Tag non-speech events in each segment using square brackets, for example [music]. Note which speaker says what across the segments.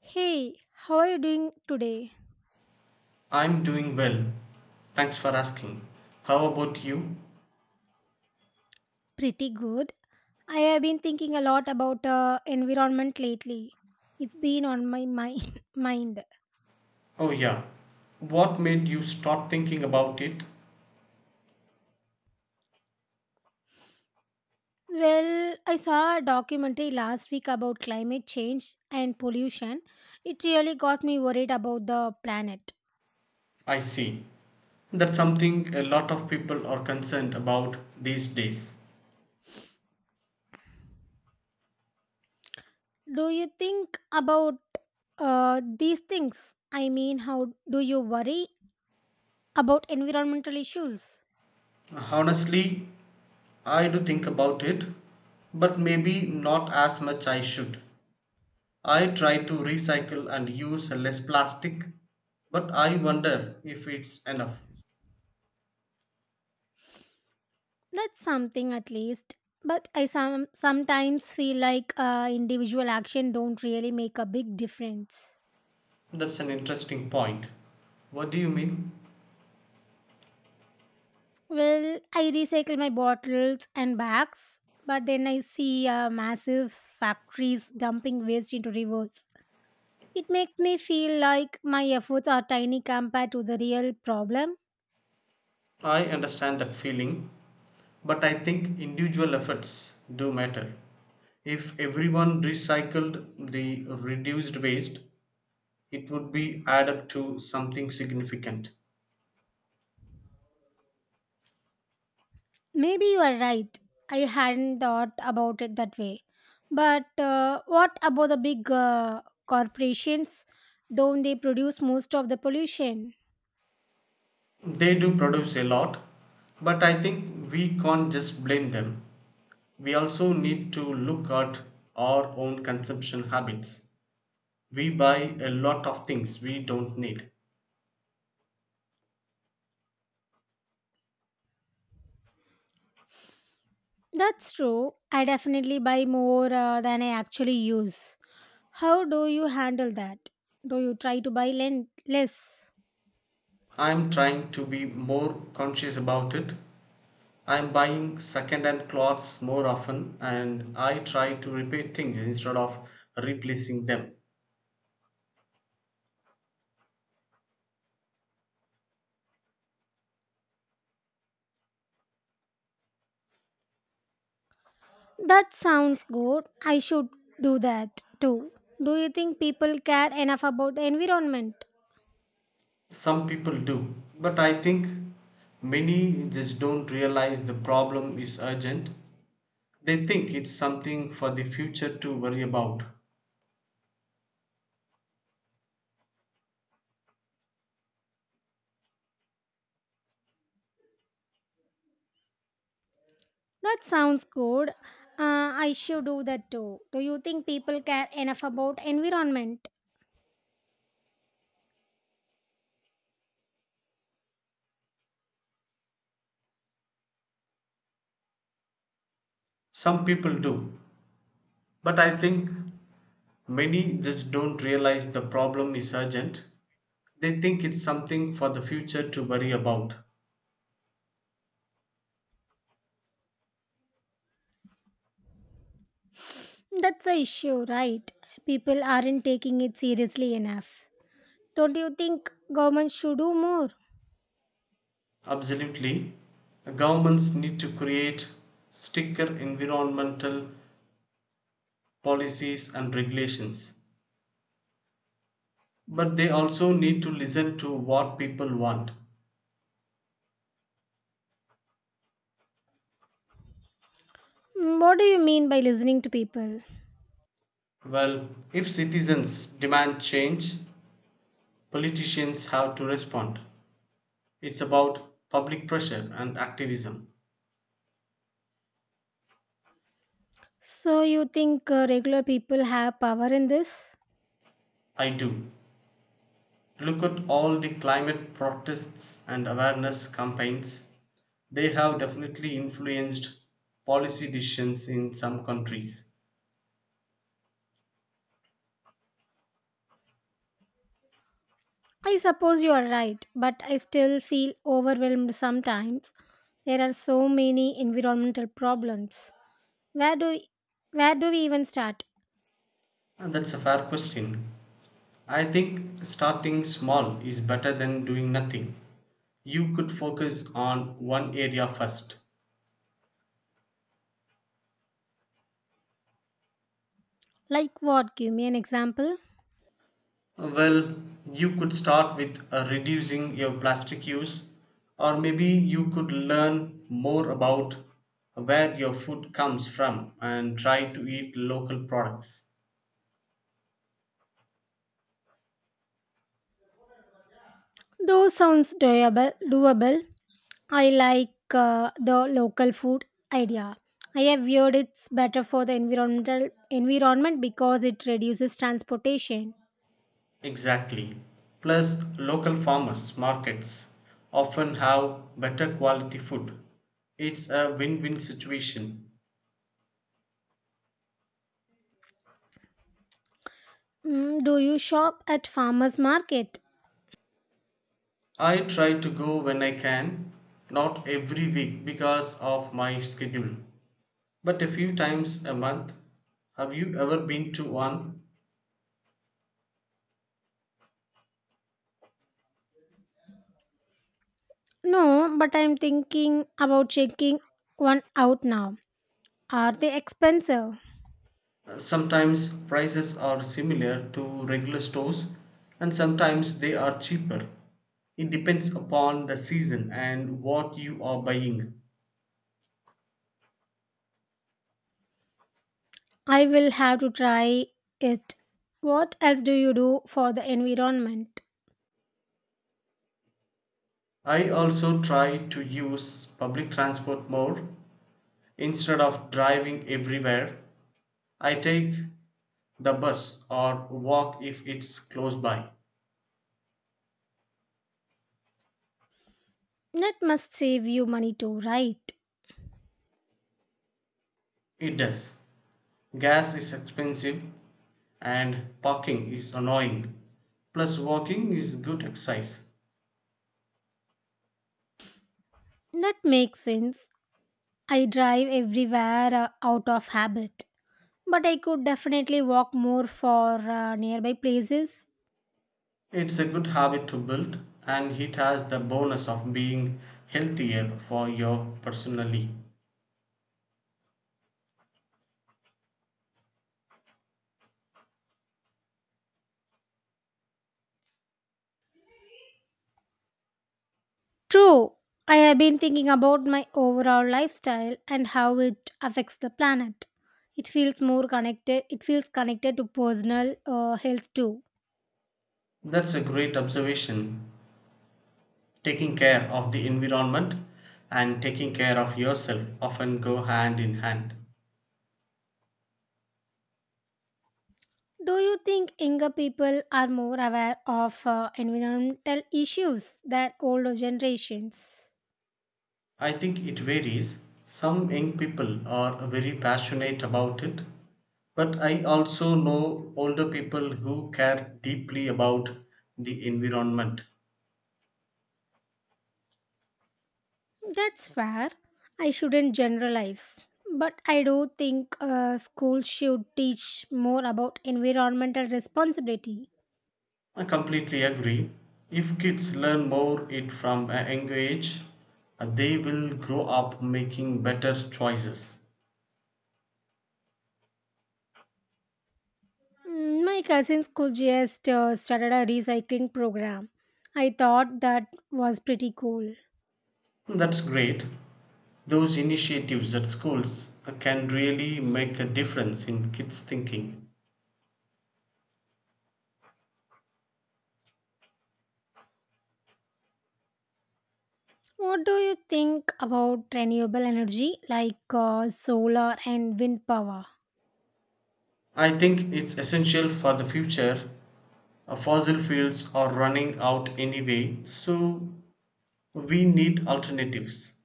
Speaker 1: Hey, how are you doing today?
Speaker 2: I'm doing well. Thanks for asking. How about you?
Speaker 1: Pretty good. I have been thinking a lot about environment lately. It's been on my mind. [laughs] mind.
Speaker 2: Oh, yeah. What made you start thinking about it?
Speaker 1: Well, I saw a documentary last week about climate change and pollution. It really got me worried about the planet.
Speaker 2: I see. That's something a lot of people are concerned about these days.
Speaker 1: Do you think about these things? I mean, how do you worry about environmental issues?
Speaker 2: Honestly, I do think about it, but maybe not as much I should. I try to recycle and use less plastic, but I wonder if it's enough.
Speaker 1: That's something at least. But I sometimes feel like individual action don't really make a big difference.
Speaker 2: That's an interesting point. What do you mean?
Speaker 1: Well, I recycle my bottles and bags, but then I see massive factories dumping waste into rivers. It makes me feel like my efforts are tiny compared to the real problem.
Speaker 2: I understand that feeling, but I think individual efforts do matter. If everyone recycled, the reduced waste it would be add up to something significant.
Speaker 1: Maybe you are right. I hadn't thought about it that way. But what about the big corporations? Don't they produce most of the pollution?
Speaker 2: They do produce a lot, but I think we can't just blame them. We also need to look at our own consumption habits. We buy a lot of things we don't need.
Speaker 1: That's true. I definitely buy more than I actually use. How do you handle that? Do you try to buy less?
Speaker 2: I'm trying to be more conscious about it. I am buying second hand clothes more often and I try to repair things instead of replacing them.
Speaker 1: That sounds good. I should do that too. Do you think people care enough about the environment?
Speaker 2: Some people do, but I think many just don't realize the problem is urgent. They think it's something for the future to worry about.
Speaker 1: That sounds good. I should do that too. Do you think people care enough about environment?
Speaker 2: Some people do, but I think many just don't realize the problem is urgent. They think it's something for the future to worry about.
Speaker 1: That's the issue, right? People aren't taking it seriously enough. Don't you think government should do more?
Speaker 2: Absolutely. Governments need to create stricter environmental policies and regulations. But they also need to listen to what people want.
Speaker 1: Mm, what do you mean by listening to people?
Speaker 2: Well, if citizens demand change, politicians have to respond. It's about public pressure and activism.
Speaker 1: So you think regular people have power in this?
Speaker 2: I do. Look at all the climate protests and awareness campaigns. They have definitely influenced policy decisions in some countries.
Speaker 1: I suppose you are right, but I still feel overwhelmed sometimes. There are so many environmental problems. Where do where do we even start?
Speaker 2: That's a fair question. I think starting small is better than doing nothing. You could focus on one area first.
Speaker 1: Like what? Give me an example.
Speaker 2: Well, you could start with reducing your plastic use, or maybe you could learn more about where your food comes from and try to eat local products.
Speaker 1: Those sounds doable. I like the local food idea. I have heard it's better for the environment because it reduces transportation.
Speaker 2: Exactly. Plus, local farmers markets often have better quality food. It's a win win situation.
Speaker 1: Mm, do you shop at farmers market?
Speaker 2: I try to go when I can, not every week because of my schedule, but a few times a month. Have you ever been to one?
Speaker 1: No, but I'm thinking about checking one out now. Are they expensive?
Speaker 2: Sometimes prices are similar to regular stores and sometimes they are cheaper. It depends upon the season and what you are buying.
Speaker 1: I will have to try it. What else do you do for the environment?
Speaker 2: I also try to use public transport more instead of driving everywhere. I take the bus or walk if it's close by.
Speaker 1: That must save you money too, right?
Speaker 2: It does. Gas is expensive and parking is annoying. Plus, walking is good exercise.
Speaker 1: That makes sense. I drive everywhere out of habit, but I could definitely walk more for nearby places.
Speaker 2: It's a good habit to build, and it has the bonus of being healthier for you personally.
Speaker 1: True, I have been thinking about my overall lifestyle and how it affects the planet. It feels connected to personal health too.
Speaker 2: That's a great observation. Taking care of the environment and taking care of yourself often go hand in hand.
Speaker 1: Do you think younger people are more aware of environmental issues than older generations?
Speaker 2: I think it varies. Some young people are very passionate about it, but I also know older people who care deeply about the environment.
Speaker 1: That's fair. I shouldn't generalize. But I do think schools should teach more about environmental responsibility.
Speaker 2: I completely agree. If kids learn more it from a young age, they will grow up making better choices.
Speaker 1: Mm, my cousin's school just started a recycling program. I thought that was pretty cool.
Speaker 2: That's great. Those initiatives at schools can really make a difference in kids' thinking.
Speaker 1: What do you think about renewable energy like solar and wind power?
Speaker 2: I think it's essential for the future. Fossil fuels are running out anyway, so we need alternatives.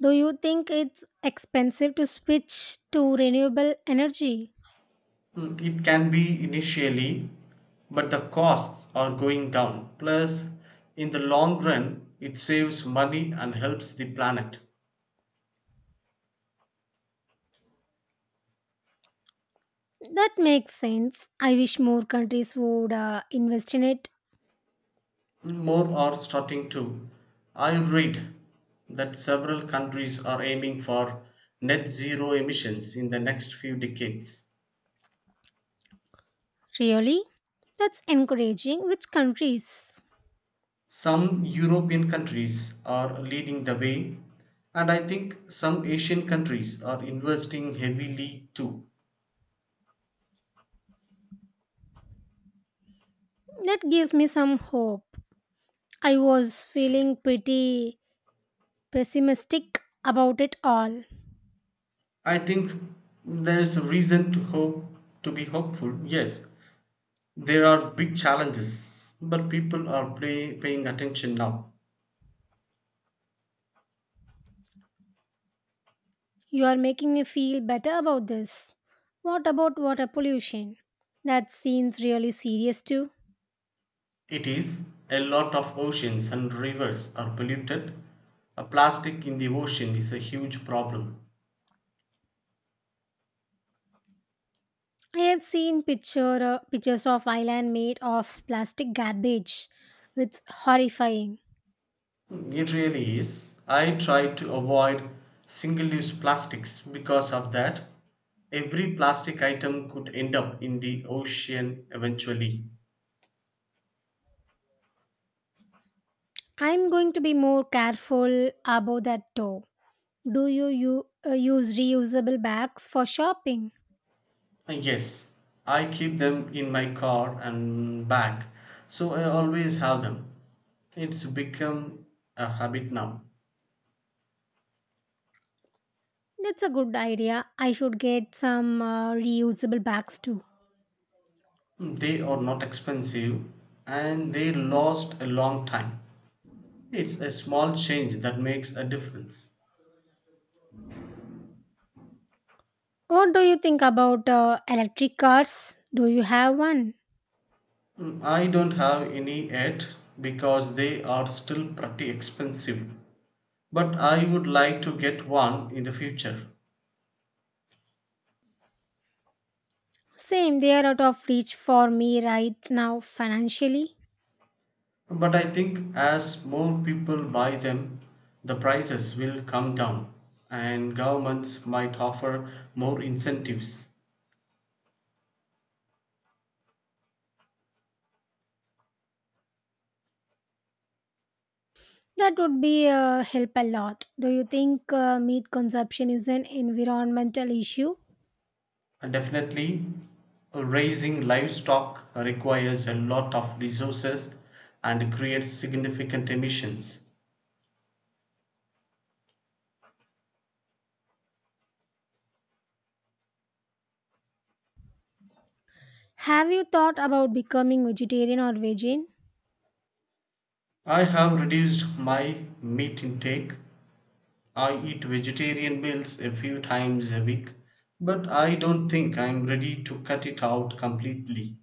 Speaker 1: Do you think it's expensive to switch to renewable energy?
Speaker 2: It can be initially, but the costs are going down. Plus, in the long run, it saves money and helps the planet.
Speaker 1: That makes sense. I wish more countries would invest in it.
Speaker 2: More are starting to. I read that several countries are aiming for net zero emissions in the next few decades.
Speaker 1: Really? That's encouraging. Which countries?
Speaker 2: Some European countries are leading the way, and I think some Asian countries are investing heavily too.
Speaker 1: That gives me some hope. I was feeling pretty pessimistic about it all.
Speaker 2: I think there's a reason to hope to be hopeful. Yes, there are big challenges, but people are paying attention now.
Speaker 1: You are making me feel better about this. What about water pollution? That seems really serious too.
Speaker 2: It is a lot of oceans and rivers are polluted. A plastic in the ocean is a huge problem.
Speaker 1: I have seen pictures of island made of plastic garbage. It's horrifying.
Speaker 2: It really is. I try to avoid single use plastics because of that. Every plastic item could end up in the ocean eventually.
Speaker 1: I'm going to be more careful about that too. You use reusable bags for shopping?
Speaker 2: Yes, I keep them in my car and bag, so I always have them. It's become a habit now.
Speaker 1: That's a good idea. I should get some reusable bags too.
Speaker 2: They are not expensive and they last a long time. It's a small change that makes a difference.
Speaker 1: What do you think about electric cars? Do you have one?
Speaker 2: I don't have any yet because they are still pretty expensive. But I would like to get one in the future.
Speaker 1: Same, they are out of reach for me right now financially.
Speaker 2: But I think as more people buy them, the prices will come down and governments might offer more incentives.
Speaker 1: That would be help a lot. Do you think meat consumption is an environmental issue?
Speaker 2: And definitely, raising livestock requires a lot of resources and creates significant emissions.
Speaker 1: Have you thought about becoming vegetarian or vegan?
Speaker 2: I have reduced my meat intake. I eat vegetarian meals a few times a week, but I don't think I'm ready to cut it out completely.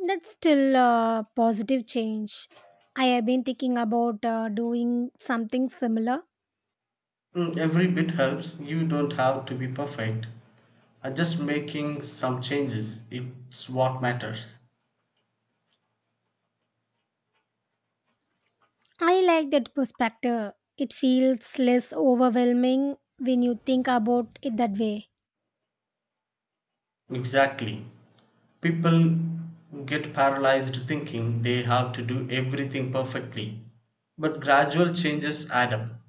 Speaker 1: That's still a positive change. I have been thinking about doing something similar.
Speaker 2: Every bit helps, you don't have to be perfect. Just making some changes, it's what matters.
Speaker 1: I like that perspective. It feels less overwhelming when you think about it that way.
Speaker 2: Exactly. People get paralyzed thinking they have to do everything perfectly, but gradual changes add up.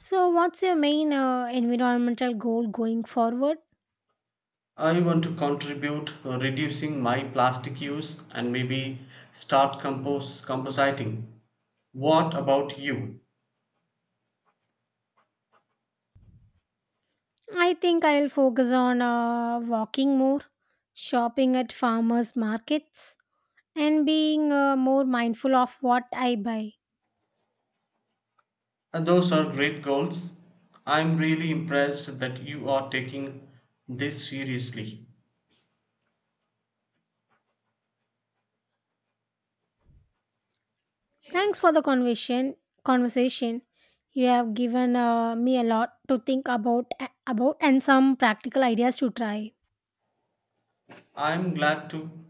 Speaker 1: So, what's your main environmental goal going forward?
Speaker 2: I want to contribute reducing my plastic use and maybe start compost compositing. What about you?
Speaker 1: I think I'll focus on walking more, shopping at farmers markets, and being more mindful of what I buy.
Speaker 2: And those are great goals. I'm really impressed that you are taking this seriously.
Speaker 1: Thanks for the conversation. Conversation, you have given me a lot to think about and some practical ideas to try.
Speaker 2: I'm glad to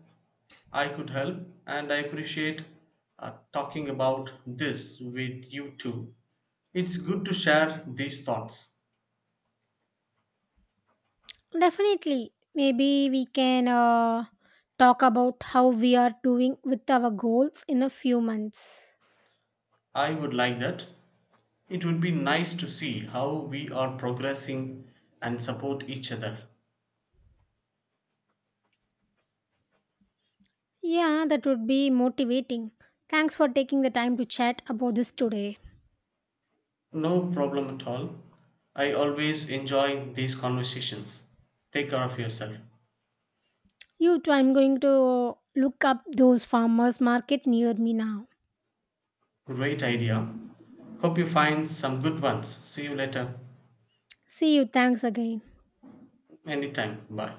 Speaker 2: I could help and I appreciate talking about this with you too. It's good to share these thoughts.
Speaker 1: Definitely, maybe we can talk about how we are doing with our goals in a few months.
Speaker 2: I would like that. It would be nice to see how we are progressing and support each other.
Speaker 1: Yeah, that would be motivating. Thanks for taking the time to chat about this today.
Speaker 2: No problem at all. I always enjoy these conversations. Take care of yourself.
Speaker 1: You too. I'm going to look up those farmers market near me now.
Speaker 2: Great idea. Hope you find some good ones. See you later.
Speaker 1: See you. Thanks again.
Speaker 2: Anytime. Bye.